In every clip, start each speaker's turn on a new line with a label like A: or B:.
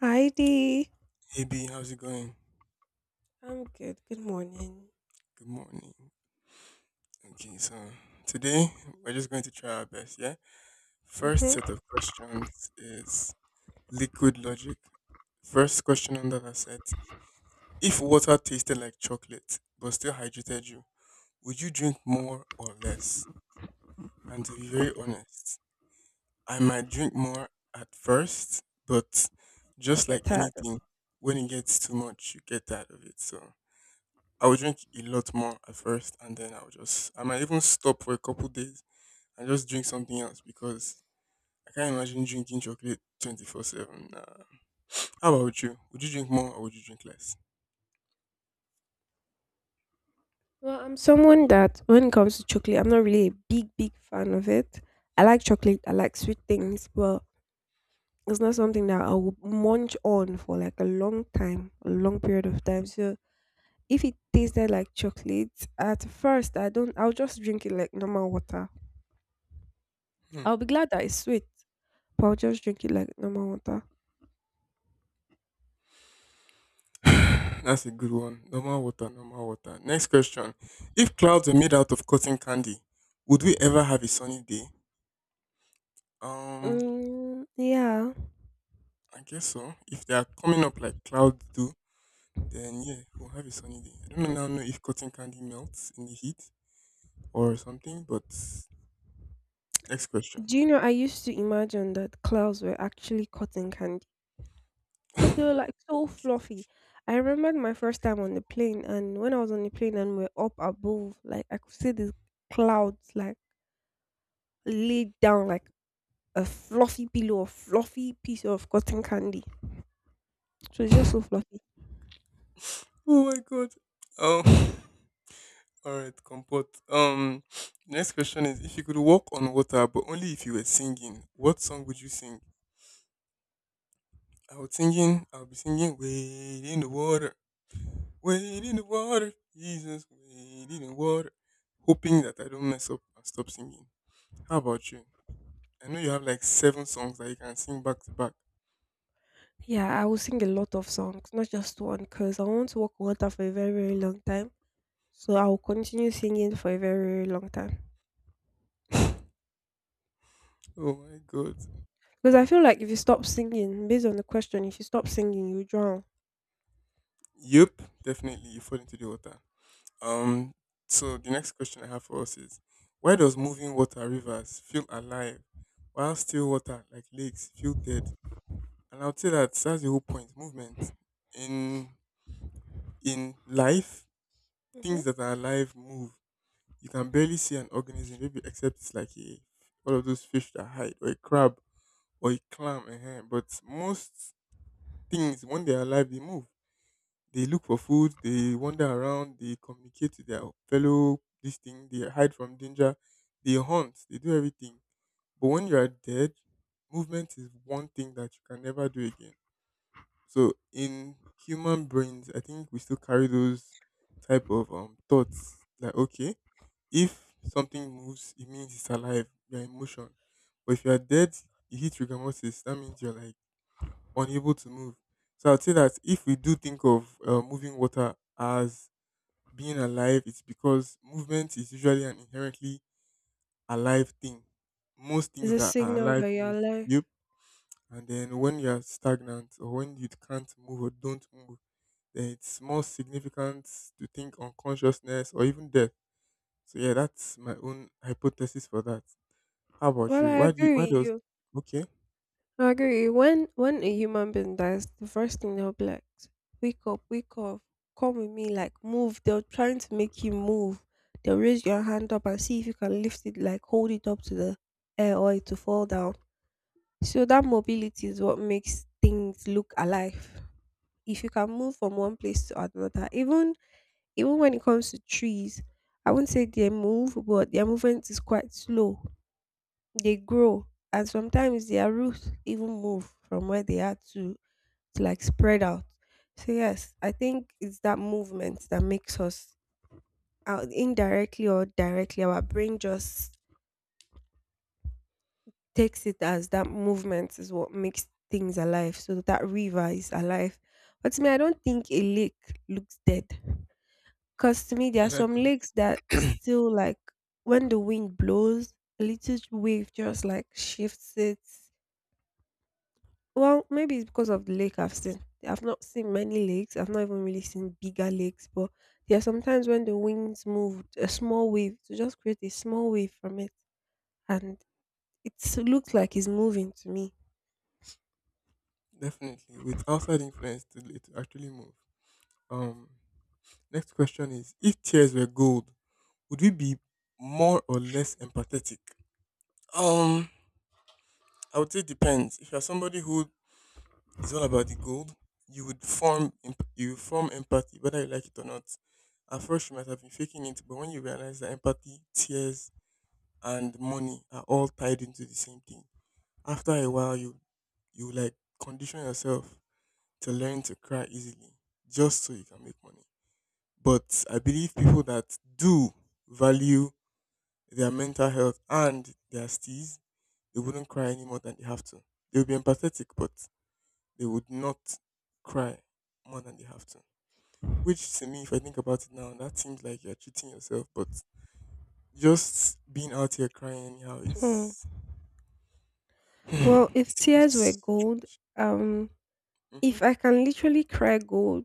A: Heidi.
B: Hey B, how's it going?
A: I'm good. Good morning.
B: Good morning. Okay, so today we're just going to try our best, yeah? First set
A: Mm-hmm.
B: of questions is liquid logic. First question under that set. If water tasted like chocolate but still hydrated you, would you drink more or less? And to be very honest, I might drink more at first, but
A: I'll
B: just like
A: get tired.
B: anything, when it gets too much, you get tired of it. So I would drink a lot more at first, and then I would just I might even stop for a couple days and just drink something else because I can't imagine drinking chocolate 24/7. Nah. How about you? Would you drink more or would you drink less?
A: Well, I'm someone that when it comes to chocolate, I'm not really a big, big fan of it. I like chocolate, I like sweet things, but it's not something that I will munch on for like a long time, a long period of time. So if it tasted like chocolate, at first I don't I'll just drink it like normal water.
B: Hmm.
A: I'll be glad that it's sweet, but I'll just drink it like normal water.
B: That's a good one. Normal water, normal water. Next question: If clouds were made out of cotton candy, would we ever have a sunny day? Um,
A: Mm, yeah.
B: I guess so. If they are coming up like clouds do, then yeah, we'll have a sunny day. I don't now know if cotton candy melts in the heat or something, but next question.
A: Do you know, I used to imagine that clouds were actually cotton candy because they were like so fluffy. I remembered my first time on the plane, and when I was on the plane and we're up above, like I could see these clouds like laid down like a fluffy pillow or fluffy piece of cotton candy. So it's just so fluffy.
B: Oh my god. Um. All right, comport. Next question is: If you could walk on water, but only if you were singing, what song would you sing? I was singing. I would be singing. Wade in the water. Wade in the water. Jesus. Wade in the water. Hoping that I don't mess up and stop singing. How about you? I know you have like seven songs that you can sing back to back.
A: Yeah, I will sing a lot of songs, not just one, because I want to walk on water for a very, very long time. So I will continue singing for a very, very long time.
B: Oh my god.
A: Because I feel like if you stop singing, based on the question, if you stop singing, you drown.
B: Yep. Definitely, you fall into the water. Um, so the next question I have for us is why does moving water rivers feel alive while still water like lakes feel dead? And I'll say that that's the whole point. Movement in in life,
A: hmm
B: things that are alive move. You can barely see an organism, maybe except it's like a all of those fish that hide, or a crab, or a clam. But most things, when they're alive, they move. They look for food, they wander around, they communicate to their fellow this thing, they hide from danger, they hunt, they do everything. But when you are dead, movement is one thing that you can never do again. So in human brains, I think we still carry those type of thoughts like okay, if something moves, it means it's alive, you're in motion. But if you are dead, you hit rigor mortis, that means you're like unable to move. So I'd say that if we do think of moving water as being alive, it's because movement is usually an inherently alive thing. Most
A: It's
B: things
A: a
B: that are
A: signal
B: alive
A: that you're
B: move.
A: alive.
B: Yep. And then when you're stagnant or when you can't move or don't move, then it's more significant to think on consciousness or even death. So yeah, that's my own hypothesis for that. How about
A: Well,
B: you?
A: I
B: Why do you, why
A: agree with
B: does
A: you.
B: okay?
A: I agree with you. When a human being dies, the first thing they'll be like, wake up, come with me, like move." They're trying to make you move. They'll raise your hand up and see if you can lift it, like hold it up to the air or it to fall down. So that mobility is what makes things look alive. If you can move from one place to another, even when it comes to trees, I wouldn't say they move, but their movement is quite slow. They grow, and sometimes their roots even move from where they are to like spread out. So, yes, I think it's that movement that makes us out indirectly or directly. Our brain just takes it as that movement is what makes things alive. So, that river is alive. But to me, I don't think a lake looks dead. Cause to me, there
B: Yeah,
A: are
B: that
A: some
B: do
A: lakes that still like when the wind blows, a little wave just like shifts it. Well, maybe it's because of the lake I've seen. I've not seen many lakes. I've not even really seen bigger lakes, but there are sometimes when the winds move, a small wave to just create a small wave from it, and it looks like it's moving to me.
B: it. Definitely. With outside influence to actually move. Um, next question is: If tears were gold, would we be more or less empathetic? Um, I would say it depends. If you're somebody who is all about the gold, you form empathy, whether you like it or not. At first, you might have been faking it, but when you realize that empathy, tears, and money are all tied into the same thing, after a while, you like condition yourself to learn to cry easily, just so you can make money. But I believe people that do value their mental health and their steez, they wouldn't cry any more than they have to. They would be empathetic, but they would not cry more than they have to. Which to me, if I think about it now, that seems like you're treating yourself, but just being out here crying anyhow
A: Hmm.
B: is
A: Well, if
B: it
A: tears were
B: seems
A: gold,
B: strange.
A: um, if I can literally cry gold,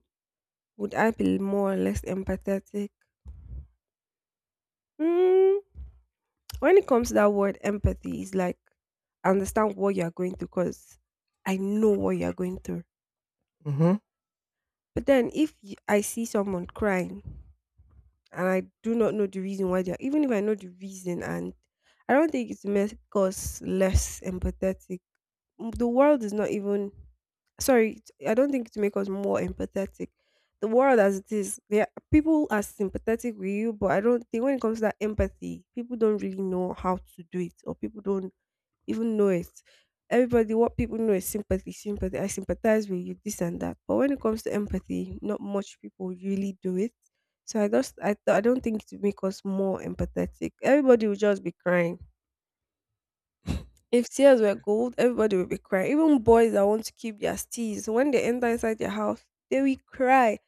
A: would I be more or less empathetic? Mm, when it comes to that word empathy, it's like I understand what you're going through because I know what you're going through.
B: Mm-hmm. Mm-hmm.
A: But then if I see someone crying and I do not know the reason why they're, even if I know the reason, and I don't think it's make us less empathetic. Mm, the world is not even, sorry, I don't think it's make us more empathetic. The world as it is, yeah, people are sympathetic with you, but I don't think when it comes to that empathy, people don't really know how to do it, or people don't even know it. Everybody, what people know is sympathy, sympathy. I sympathize with you, this and that. But when it comes to empathy, not much people really do it. So I I don't think it will make us more empathetic. Everybody will just be crying. If tears were gold, everybody would be crying. Even boys that want to keep their steeds, when they enter inside their house, they will cry.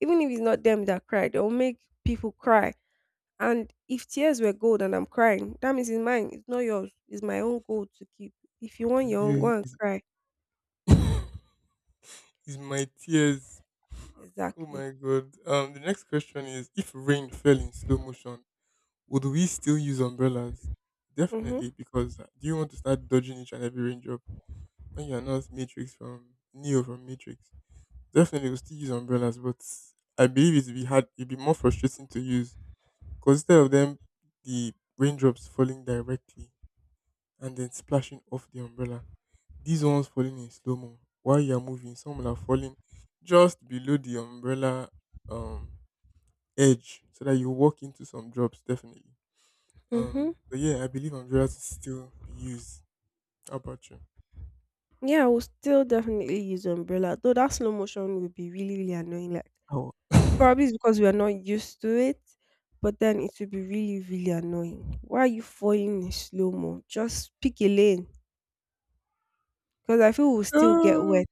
A: Even if it's not them that cry, they will make people cry. And if tears were gold and I'm crying, that means it's mine. It's not yours. It's my own gold to keep. If you want your own,
B: Abu
A: go and
B: is
A: cry.
B: is my tears. Oh
A: Exactly.
B: my god. Um, the next question is if rain fell in slow motion, would we still use umbrellas?
A: Mm-hmm.
B: Definitely, because do you want to start dodging each and every raindrop when you are not Matrix from Neo from Matrix? Definitely, we'll still use umbrellas, but I believe it'd be hard. It'd be more frustrating to use because instead of them, the raindrops falling directly and then splashing off the umbrella, these ones falling in slow mo while you are moving. Some will are falling just below the umbrella um edge so that you walk into some drops. Definitely.
A: Mm-hmm.
B: But yeah, I believe Andrea to still be used. How about you?
A: Yeah, I will still definitely use umbrella. Though that slow motion would be really, really annoying. Like
B: Oh,
A: probably it's because we are not used to it. But then it would be really, really annoying. Why are you falling in slow mo? Just pick a lane. Because I feel we'll still get
B: ah,
A: wet.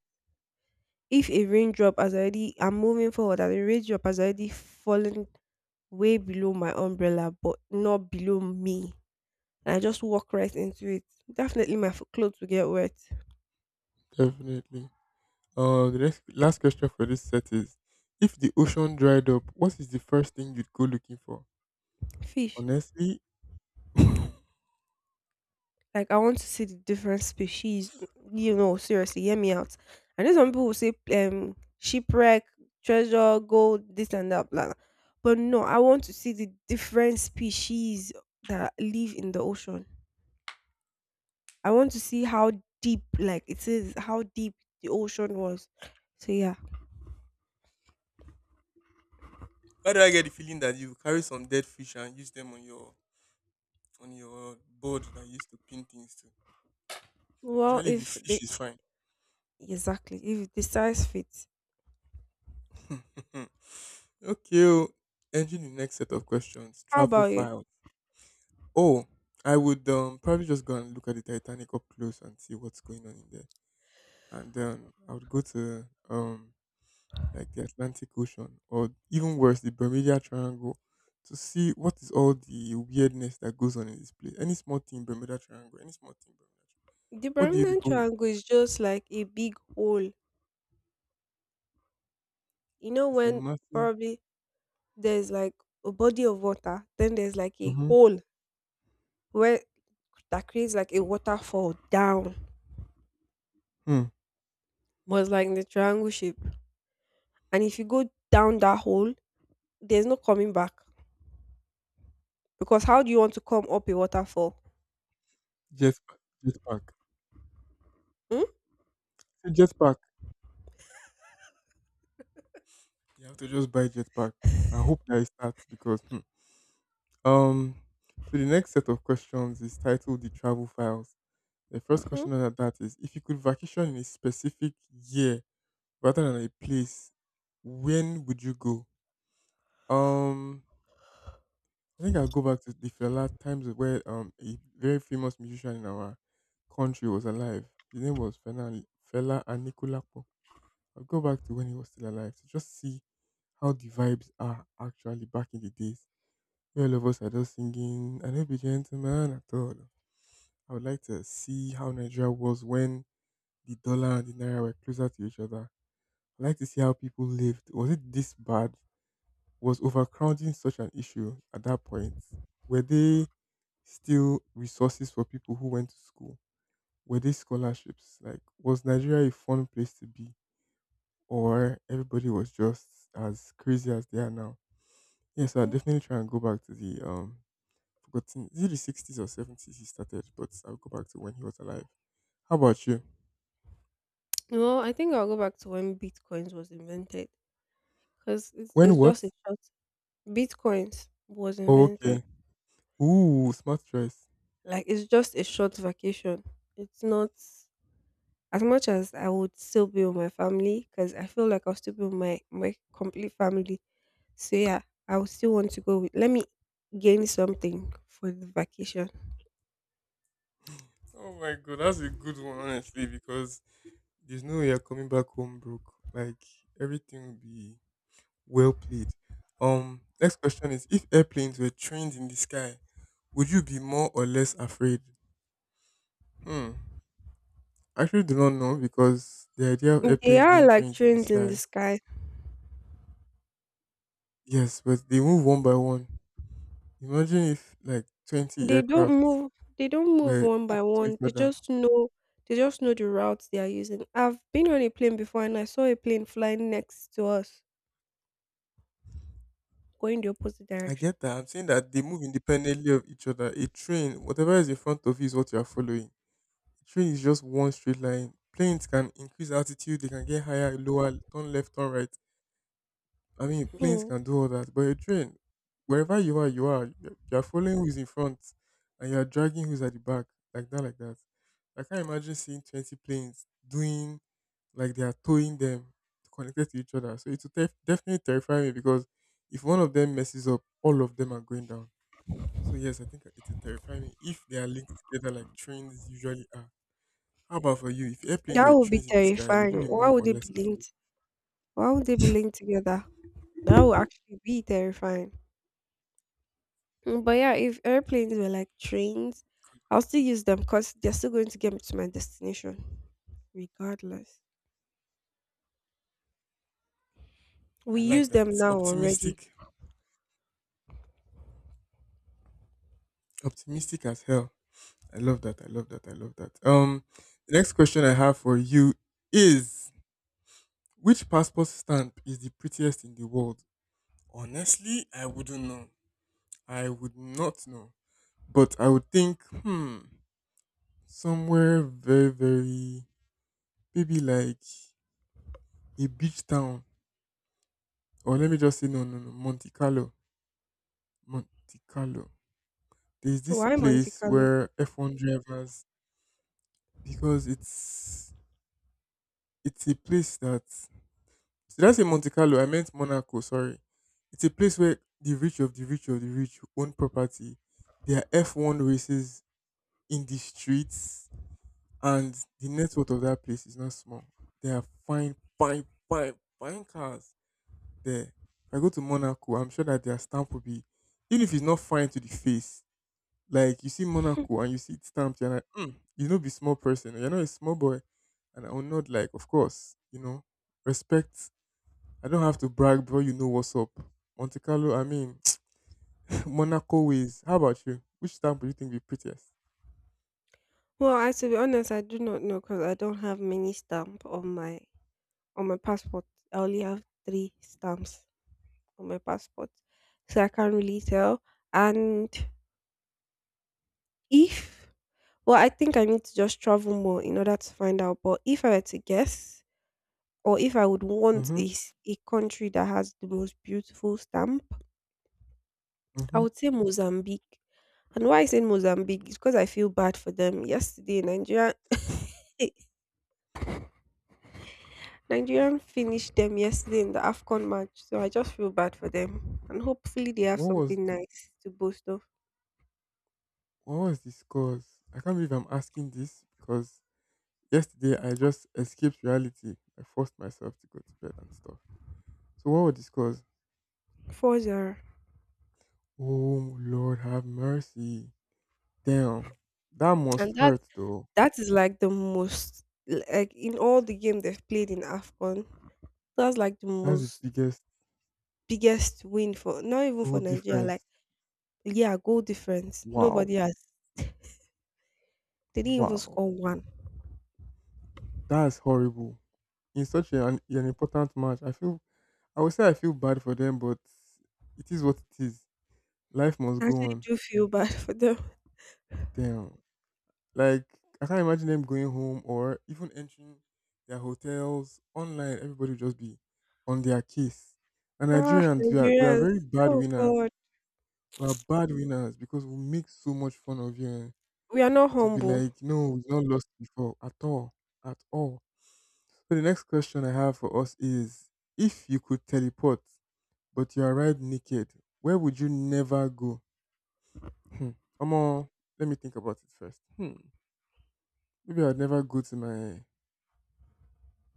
A: If a raindrop has already I'm moving forward and a raindrop has already fallen way below my umbrella but not below me, and I just walk right into it, definitely my clothes will get wet.
B: definitely. The next last question for this set is: If the ocean dried up, what is the first thing you'd go looking for?
A: Fish.
B: Honestly, why
A: Like I want to see the different species. You know, seriously, hear me out. I know some people will say shipwreck, treasure, gold, this and that, blah blah. But no, I want to see the different species that live in the ocean. I want to see how deep, like it is, how deep the ocean was. So yeah.
B: do I get the feeling that you carry some dead fish and use them on your board that you used to pin things to?
A: Well,
B: Especially if the
A: if
B: fish
A: the
B: is fine.
A: exactly if the size fits,
B: Okay, oh. Entering the next set of questions:
A: how
B: travel
A: about you?
B: files. Oh, I would probably just go and look at the Titanic up close and see what's going on in there. And then I would go to like the Atlantic Ocean or even worse the Bermuda Triangle to see what is all the weirdness that goes on in this place. Any small thing Bermuda Triangle, any small thing Bermuda Triangle.
A: The
B: What do you
A: Bermuda
B: people?
A: Triangle is just like a big hole. You know,
B: It's a
A: when
B: massive
A: probably there's like a body of water, then there's like a
B: mm-hmm,
A: hole where that creates like a waterfall down.
B: hmm,
A: Was like in the triangle shape, and if you go down that hole, there's no coming back because how do you want to come up a waterfall?
B: jet pa- jet pack.
A: Mm?
B: So jet pack. You have to just buy jet pack. I hope that it starts because um so the next set of questions is titled The Travel Files. The first
A: Hmm.
B: question under that is if you could vacation in a specific year rather than a place, when would you go? Um, I think I'll go back to the Fela times where a very famous musician in our country was alive. His name was Fela, Fela Anikulapo. I'll go back to when he was still alive to just see how the vibes are actually back in the days. Where all of us are just singing, I don't be gentleman at all. I would like to see how Nigeria was when the dollar and the naira were closer to each other. I like to see how people lived. Was it this bad? Was overcrowding such an issue at that point? Were they still resources for people who went to school? Were they scholarships? Like, was Nigeria a fun place to be? Or everybody was just as crazy as they are now? Yeah, so I'll definitely try and go back to the forgotten is it the 60s or 70s he started, but I'll go back to when he was alive. How about you?
A: No, I think I'll go back to when bitcoins was invented because it's,
B: When
A: it's
B: what?
A: just a short bitcoins was
B: Oh,
A: invented.
B: okay. Ooh, smart choice.
A: Like it's just a short vacation. It's not as much as I would still be with my family because I feel like I'll still be with my complete family. So yeah, I would still want to go with. Let me gain something for the vacation.
B: Oh my god, that's a good one, honestly, because there's no way you're coming back home broke. Like everything will be well played. Next question is: If airplanes were trained in the sky, would you be more or less afraid? Hmm. I actually do not know because the idea of
A: They
B: airplanes
A: are
B: being
A: like
B: trained in the
A: trains in the
B: sky,
A: sky.
B: yes, but they move one by one. Imagine if like 20
A: They don't
B: aircraft
A: move they don't move
B: were
A: one by
B: hooked to each
A: one. They
B: other.
A: just know they just know the routes they are using. I've been on a plane before and I saw a plane flying next to us, going the opposite
B: I
A: direction.
B: get that. I'm saying that they move independently of each other. A train, whatever is in front of you, is what you are following. A train is just one straight line. Planes can increase altitude, they can get higher, lower, turn left, turn right. I mean, planes
A: Hmm.
B: can do all that. But a train, wherever you are, you are. You are following who's in front and you are dragging who's at the back. Like that, like that. I can't imagine seeing 20 planes doing like they are towing them connected to each other. So it will definitely terrify me because if one of them messes up, all of them are going down. So yes, I think it's a terrifying if they are linked together like trains usually are. How about for you? If airplanes
A: That
B: were
A: would be
B: trains in the sky, would you
A: terrifying.
B: be
A: Why
B: more
A: would
B: or
A: they
B: less
A: be
B: afraid?
A: linked? Why would they be linked together? That would actually be terrifying. Mm, but yeah, if airplanes were like trains, I'll still use them because they're still going to get me to my destination, regardless. We
B: I like
A: use them
B: that.
A: now already.
B: Optimistic, optimistic as hell. I love that. I love that. I love that. The next question I have for you is: Which passport stamp is the prettiest in the world? Honestly, I wouldn't know. I would not know. But I would think, hmm, somewhere very, very maybe like a beach town. Or let me just say, no, no, no, Monte Carlo. Monte Carlo. There's
A: So
B: this
A: why Monte
B: place
A: Carlo?
B: where F1 drivers, because it's a place that, did I say Monte Carlo? I meant Monaco, sorry. It's a place where the rich of the rich of the rich own property. There are F1 races in the streets, and the net worth of that place is not small. There are fine, fine, fine, fine cars there. If I go to Monaco, I'm sure that their stamp will be even if it's not fine to the face. Like you see Monaco and you see it stamped, you're like, mm, be small person. You're not a small boy. And I will not like, of course, respect. I don't have to brag bro. You know what's up. Monte Carlo, I mean, Monaco ways. How about you? Which stamp do you think be prettiest?
A: Well, I to be honest, I do not know because I don't have many stamp on my passport. I only have 3 stamps on my passport, so I can't really tell. And if well, I think I need to just travel more in order to find out, but if I were to guess or if I would want
B: Mm-hmm.
A: a s a country that has the most beautiful stamp, I
B: Mm-hmm.
A: would say Mozambique. And why I say Mozambique is because I feel bad for them. Yesterday, Nigeria Nigerian finished them yesterday in the AFCON match, so I just feel bad for them. And hopefully they have
B: What was
A: something
B: the
A: nice to boast of.
B: what was the scores? I can't believe I'm asking this because yesterday I just escaped reality. I forced myself to go to bed and stuff. So what were the scores?
A: 4-0.
B: Oh Lord have mercy. Damn, that must
A: And that
B: hurt though.
A: that is like the most, like in all the game they've played in AFCON, that's like the
B: That's the
A: most
B: biggest
A: biggest win for not even
B: goal
A: for Nigeria, like
B: difference.
A: yeah, goal difference.
B: Wow,
A: Nobody has they didn't even
B: wow,
A: score one.
B: that's horrible. In such an important match, I feel I would say I feel bad for them, but it is what it is. Life must
A: I
B: go
A: actually
B: on.
A: do feel bad for them.
B: Damn, like I can't imagine them going home or even entering their hotels online. Everybody will just be on their case. And
A: Ah,
B: Nigerians, we are very
A: Nigerians.
B: bad
A: Oh
B: winners.
A: God.
B: We are bad winners because we make so much fun of you. Eh.
A: We are not
B: It would be
A: humble.
B: like, no, we've not lost before at all, at all. So the next question I have for us is, if you could teleport, but you arrived naked, where would you never go? Hmm. Omo, let me think about it first. Hmm. Maybe I'd never go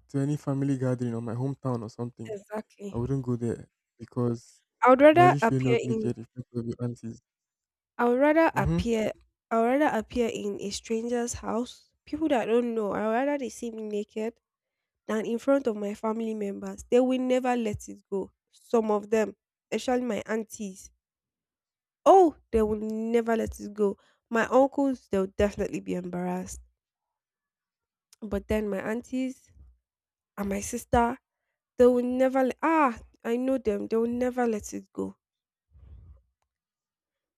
B: to any family gathering or my hometown or something.
A: Exactly.
B: I wouldn't go there because
A: I would rather
B: imagine showing
A: appear
B: up
A: in
B: naked in front of your aunties.
A: I would rather
B: Mm-hmm.
A: appear I would rather appear in a stranger's house, people that I don't know. I would rather they see me naked than in front of my family members. They will never let it go. Some of them, especially my aunties. Oh, they will never let it go. My uncles, they'll definitely be embarrassed. But then my aunties and my sister, they will never let, ah, I know them. They will never let it go.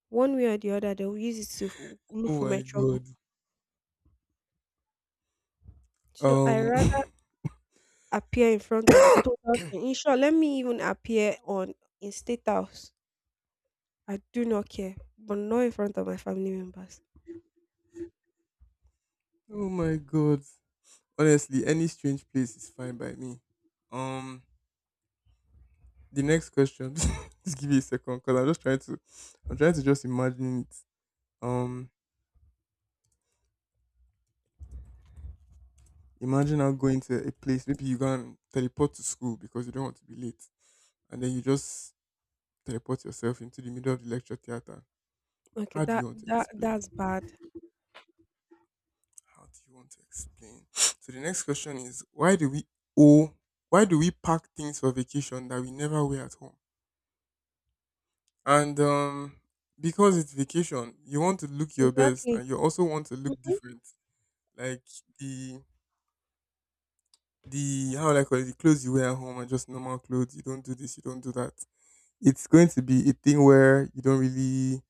A: One way or the other, they'll use it to look
B: Oh
A: for my
B: my
A: trouble.
B: god.
A: So I
B: Um.
A: rather appear in front of a total stran In short, let me even appear on in state house. I do not care, but not in front of my family members.
B: Oh my god. Honestly, any strange place is fine by me. Um, the next question. Just give me a second, cause I'm trying to just imagine it. Um, Imagine now going to a place. Maybe you can teleport to school because you don't want to be late, and then you just teleport yourself into the middle of the lecture theater.
A: Okay,
B: How do
A: that
B: you want to
A: that that's
B: explain?
A: bad.
B: How do you want to explain? So the next question is why do we owe? Why do we pack things for vacation that we never wear at home? And because it's vacation, you want to look your best,
A: Exactly.
B: and you also want to look
A: Mhm.
B: different. Like the the how will I call it, the clothes you wear at home are just normal clothes. You don't do this, you don't do that. It's going to be a thing where you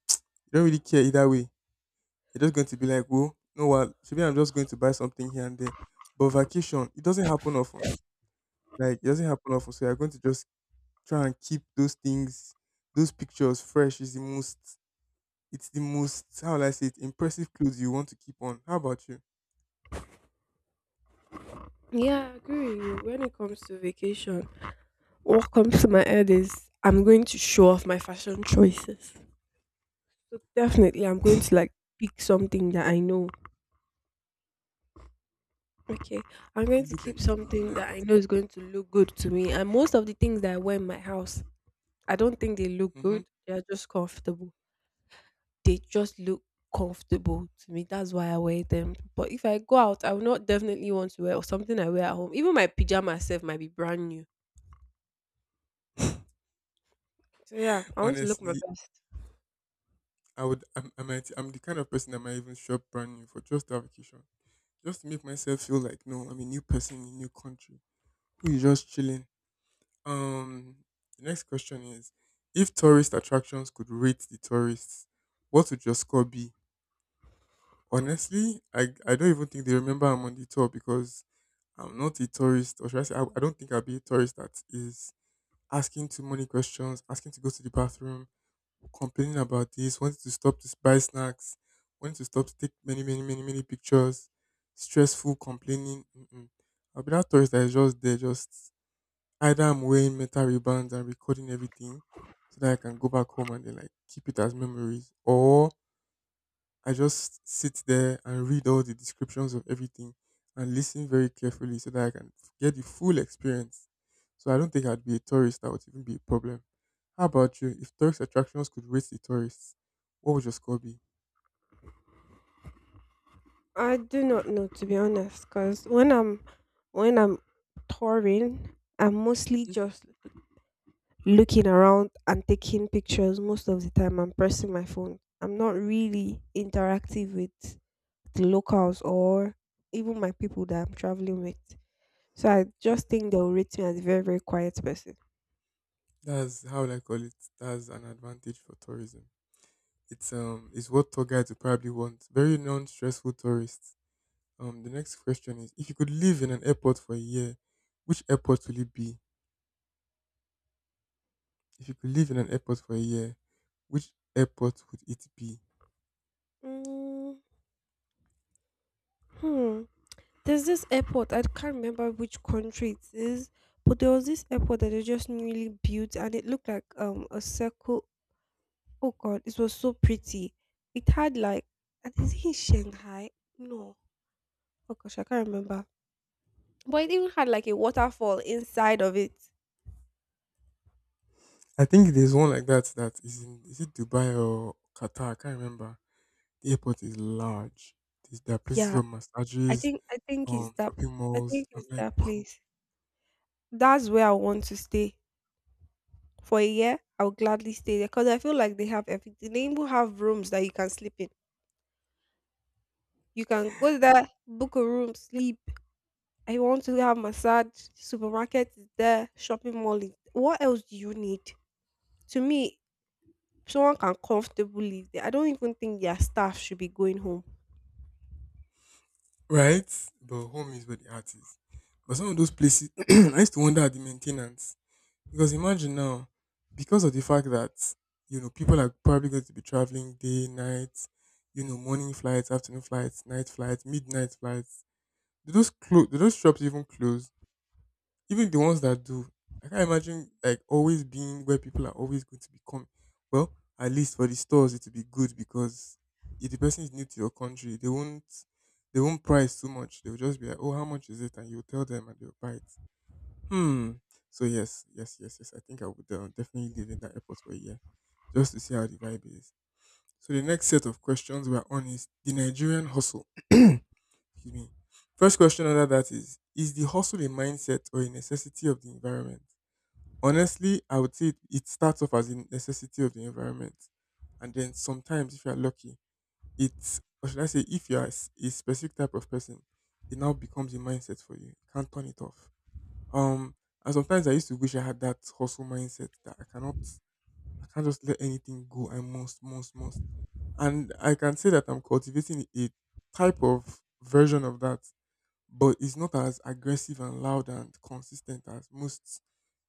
B: don't really care either way. You're just going to be like, well, you know what? Maybe I'm just going to buy something here and there. But vacation, it doesn't happen often. Like it doesn't happen often. So you're going to just try and keep those things, those pictures fresh is the most. It's the most, how will I say it, impressive clothes you want to keep on. How about you?
A: Yeah, I agree with you. When it comes to vacation, what comes to my head is I'm going to show off my fashion choices. So definitely, I'm going to like pick something that I know. Okay, I'm
B: We
A: going to
B: look
A: keep
B: extremely
A: something that I
B: nice.
A: know is going to look good to me. And most of the things that I wear in my house I don't think they look
B: Hmm.
A: good. They're just comfortable. They just look comfortable to me. That's why I wear them. But if I go out, I will not definitely want to wear or something I wear at home. Even my pajama self might be brand new. So yeah, I want to look my
B: Honestly,
A: best.
B: I would. I'm, I might. I'm the kind of person that might even shop brand new for just a vacation, just to make myself feel like no, I'm a new person in a new country who is just chilling. Um, the next question is, if tourist attractions could rate the tourists, what would your score be? Honestly, I don't even think they remember I'm on the tour because I'm not a tourist, or should I say, I don't think I'll be a tourist that is asking too many questions, asking to go to the bathroom, complaining about this, wanting to stop to buy snacks, wanting to stop to take many, many, many, many pictures, stressful complaining. Mm-mm. I'll be that tourist that is just there, just either I'm wearing metal ribbons and recording everything so that I can go back home and then like keep it as memories, or I just sit there and read all the descriptions of everything and listen very carefully so that I can get the full experience. So I don't think I'd be a tourist that would even be a problem. How about you? If tourist attractions could rate the tourists, what would your score be?
A: I do not know, to be honest, because when I'm touring, I'm mostly
B: Mhm.
A: just looking around and taking pictures most of the time. I'm pressing my phone. I'm not really interactive with the locals or even my people that I'm traveling with. So I just think they'll rate me as a very, very quiet person.
B: That's how I call it. That's an advantage for tourism. It's what tour guides would probably want. Very non-stressful tourists. The next question is: if you could live in an airport for a year, which airport will it be? If you could live in an airport for a year, which airport would it be?
A: Mm, hmm. There's this airport, I can't remember which country it is, but there was this airport that they just newly built and it looked like a circle. Oh god, it was so pretty. It had like I think it's in Shanghai. No. Oh gosh, I can't remember. But it even had like a waterfall inside of it.
B: I think there's one like that that is in, is it Dubai or Qatar? I can't remember. The airport is large. There's, there are places
A: Yeah.
B: for
A: I
B: massages,
A: think I think it's that
B: shopping
A: I
B: malls.
A: think
B: I'm
A: it's
B: like,
A: that
B: "Wha-"
A: place. That's where I want to stay for a year. I'll gladly stay there because I feel like they have everything. They even have rooms that you can sleep in. You can go there, book a room, sleep. I want to have massage. Supermarket is there. Shopping mall is. What else do you need? To me, someone can comfortably live there. I don't even think their staff should be going home.
B: right? But home is where the heart is. But some of those places, I used to wonder at the maintenance because imagine now, because of the fact that you know people are probably going to be traveling day, night, you know, morning flights, afternoon flights, night flights, midnight flights. Do those close? Do those shops even close? Even the ones that do, I can't imagine like always being where people are always going to be coming. Well, at least for the stores, it will be good because if the person is new to your country, they won't price too much. They'll just be like, "Oh, how much is it?" And you'll tell them, and they'll buy it. Hmm. So yes, yes, yes, yes. I think I would, definitely live in that airport for a year just to see how the vibe is. So the next set of questions were on is the Nigerian hustle. Excuse me. First question under that is: is the hustle a mindset or a necessity of the environment? Honestly, I would say it starts off as a necessity of the environment. And then sometimes, if you're lucky, it's, or should I say, if you're a specific type of person, it now becomes a mindset for you. You can't turn it off. Um, and sometimes I used to wish I had that hustle mindset that I can't just let anything go. I must, must. And I can say that I'm cultivating a type of version of that, but it's not as aggressive and loud and consistent as most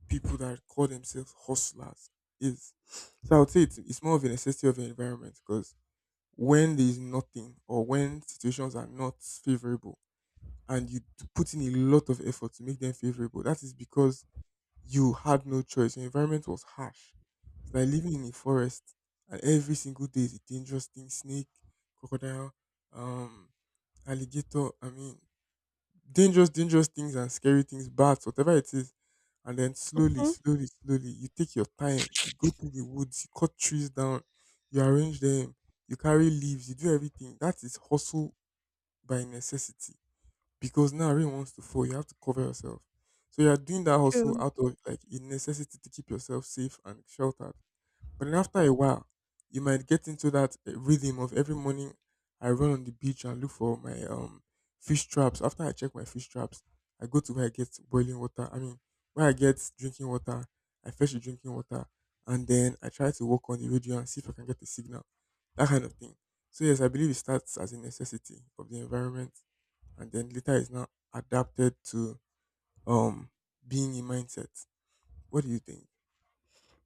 B: people that call themselves hustlers is. So I would say it's more of a necessity of an environment because when there is nothing or when situations are not favorable and you put in a lot of effort to make them favorable, that is because you had no choice. Your environment was harsh. It's like living in a forest and every single day is a dangerous thing: snake, crocodile, um, alligator. I mean, dangerous, dangerous things and scary things, bats, whatever it is. And then slowly,
A: hmm
B: slowly, slowly, you take your time. You go through the woods, you cut trees down, you arrange them, you carry leaves, you do everything. That is hustle by necessity. Because now rain wants to fall, you have to cover yourself. So you are doing that hustle
A: True.
B: out of like a necessity to keep yourself safe and sheltered. But then after a while, you might get into that rhythm of every morning I run on the beach and look for my fish traps. After I check my fish traps, I go to where I get boiling water. I mean, where I get drinking water, I fetch the drinking water, and then I try to work on the radio and see if I can get a signal. That kind of thing. So yes, I believe it starts as a necessity of the environment, and then later is now adapted to um being a mindset. What do you think?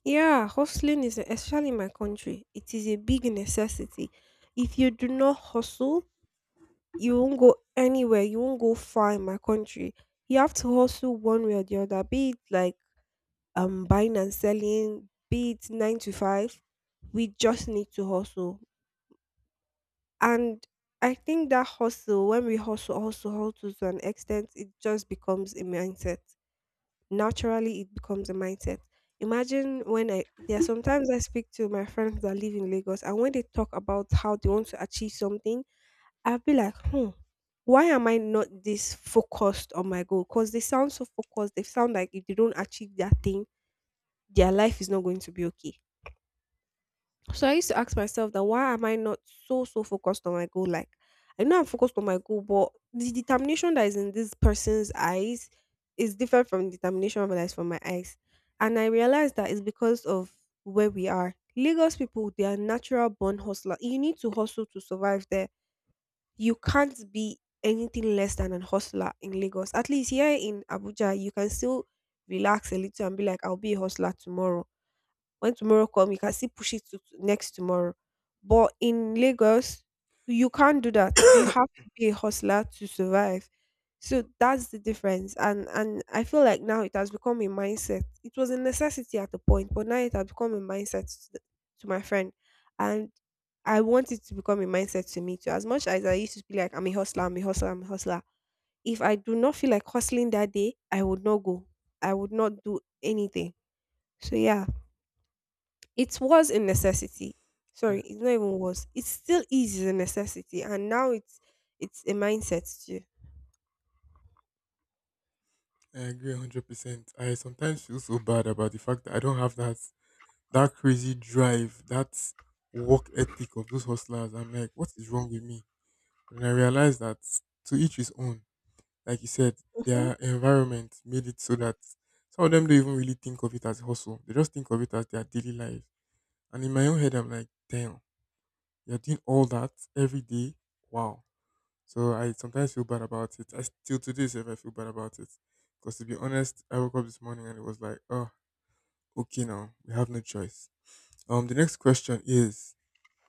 A: Yeah, hustling is, especially in my country, it is a big necessity. If you do not hustle, you won't go anywhere, you won't go far in my country. You have to hustle one way or the other, be it like buying and selling, be it nine to five. We just need to hustle. And I think that hustle, when we hustle, hustle, hustle to an extent, it just becomes a mindset. Naturally, it becomes a mindset. Imagine when I there are sometimes I speak to my friends that live in Lagos, and when they talk about how they want to achieve something, I'll be like, hmm, why am I not this focused on my goal? Because they sound so focused. They sound like if they don't achieve that thing, their life is not going to be okay. So I used to ask myself that why am I not so so focused on my goal? Like I know I'm focused on my goal, but the determination that is in this person's eyes is different from the determination that is from my eyes. And I realized that it's because of where we are. Lagos people, they are natural born hustler. You need to hustle to survive there. You can't be anything less than an hustler in Lagos. At least here in Abuja, you can still relax a little and be like, I'll be a hustler tomorrow. When tomorrow come, you can still push it to next tomorrow. But in Lagos, you can't do that. You have to be a hustler to survive. So that's the difference. And I feel like now it has become a mindset. It was a necessity at the point, but now it has become a mindset to, to my friend. And I want it to become a mindset to me too. As much as I used to be like, I'm a hustler, I'm a hustler, I'm a hustler. If I do not feel like hustling that day, I would not go. I would not do anything. So yeah. It was a necessity. Sorry, it's not even was. It still is a necessity, and now it's a mindset too.
B: I agree 100%. I sometimes feel so bad about the fact that I don't have that crazy drive, that work ethic of those hustlers. I'm like, what is wrong with me? But then I realized that to each his own. Like you said,
A: Mhm.
B: their environment made it so that some of them don't even really think of it as hustle. They just think of it as their daily life. And in my own head, I'm like, damn, you're doing all that every day. Wow. So I sometimes feel bad about it. I still today sef I feel bad about it. Because to be honest, I woke up this morning and it was like, oh, okay now. We have no choice. The next question is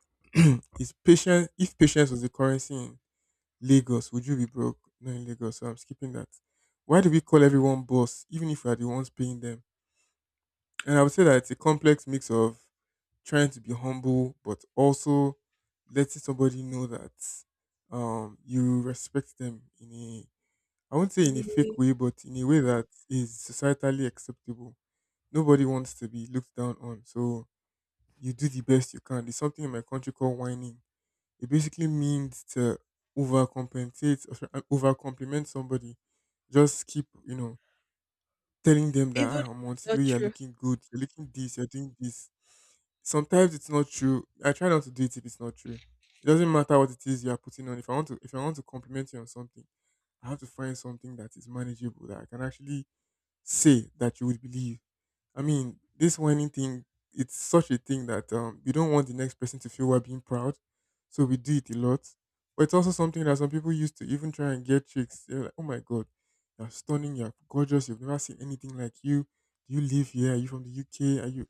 B: is patient if patience was the currency in Lagos, would you be broke? Not in Lagos, so I'm skipping that. Why do we call everyone boss, even if we are the ones paying them? And I would say that it's a complex mix of trying to be humble, but also letting somebody know that you respect them in a, I won't say
A: In
B: in a
A: a way.
B: fake way, but in a way that is societally acceptable. Nobody wants to be looked down on. So you do the best you can. There's something in my country called whining. It basically means to overcompensate or overcompliment somebody. Just keep, you know, telling them that
A: Even if
B: ah, I'm on
A: it's not
B: way you're
A: true.
B: looking good, you're looking this, you're doing this. Sometimes it's not true. I try not to do it if it's not true. It doesn't matter what it is you are putting on. If I want to compliment you on something I have to find something that is manageable that I can actually say that you would believe. I mean, this whining thing, it's such a thing that we don't want the next person to feel we're being proud. So we do it a lot. But it's also something that some people used to even try and get chicks. They're like, oh my God, you're stunning, you're gorgeous, you've never seen anything like you. Do you live here? Are you from the UK? Are you?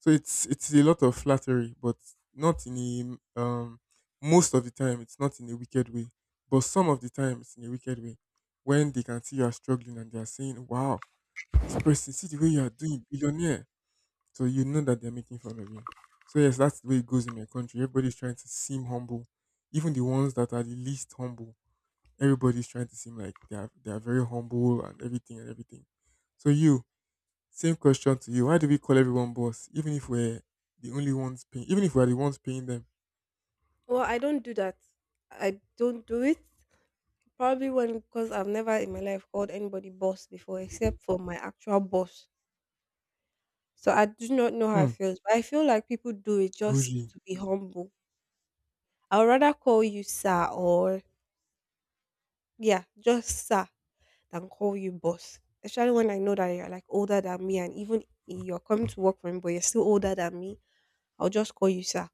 B: So it's a lot of flattery, but not in a most of the time it's not in a wicked way, but some of the time it's in a wicked way when they can see you are struggling and they are saying, "Wow, this person see the way you are doing, billionaire." So you know that they're making fun of you. So yes, that's the way it goes in my country. Everybody's trying to seem humble, even the ones that are the least humble. Everybody's trying to seem like they are very humble and everything and everything. So you same question to you. Why do we call everyone boss, even if we're the only ones paying? Even if we're the ones paying them?
A: Well, I don't do that. I don't do it. Probably when because I've never in my life called anybody boss before, except for my actual boss. So I do not know how
B: Hmm.
A: it feels. But I feel like people do it just
B: Bougie.
A: to be humble. I'd rather call you sir, or yeah, just sir than call you boss. Especially when I know that you're like older than me, and even you're coming to work for me, but you're still older than me. I'll just call you sir.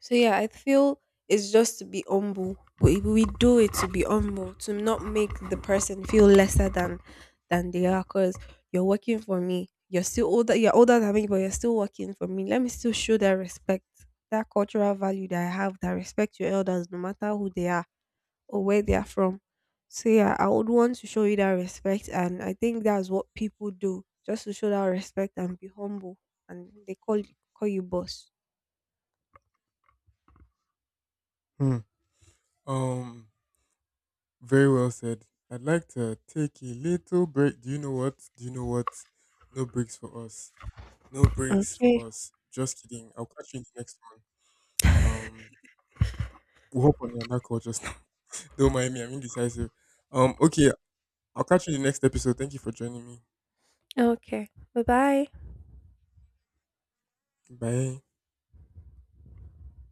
A: So yeah, I feel it's just to be humble. We do it to be humble, to not make the person feel lesser than they are. Cause you're working for me. You're still older. You're older than me, but you're still working for me. Let me still show that respect, that cultural value that I have, that I respect your elders, no matter who they are or where they are from. So yeah, I would want to show you that respect, and I think that's what people do, just to show that respect and be humble, and they call you boss.
B: Hmm. Um. Very well said. I'd like to take a little break. Do you know what? Do you know what? No breaks for us. No breaks
A: Okay.
B: for us. Just kidding. I'll catch you in the next one. We'll hop on another call just now. Don't mind me. I'm indecisive. Okay. I'll catch you in the next episode. Thank you for joining me.
A: Okay. Bye bye.
B: Bye.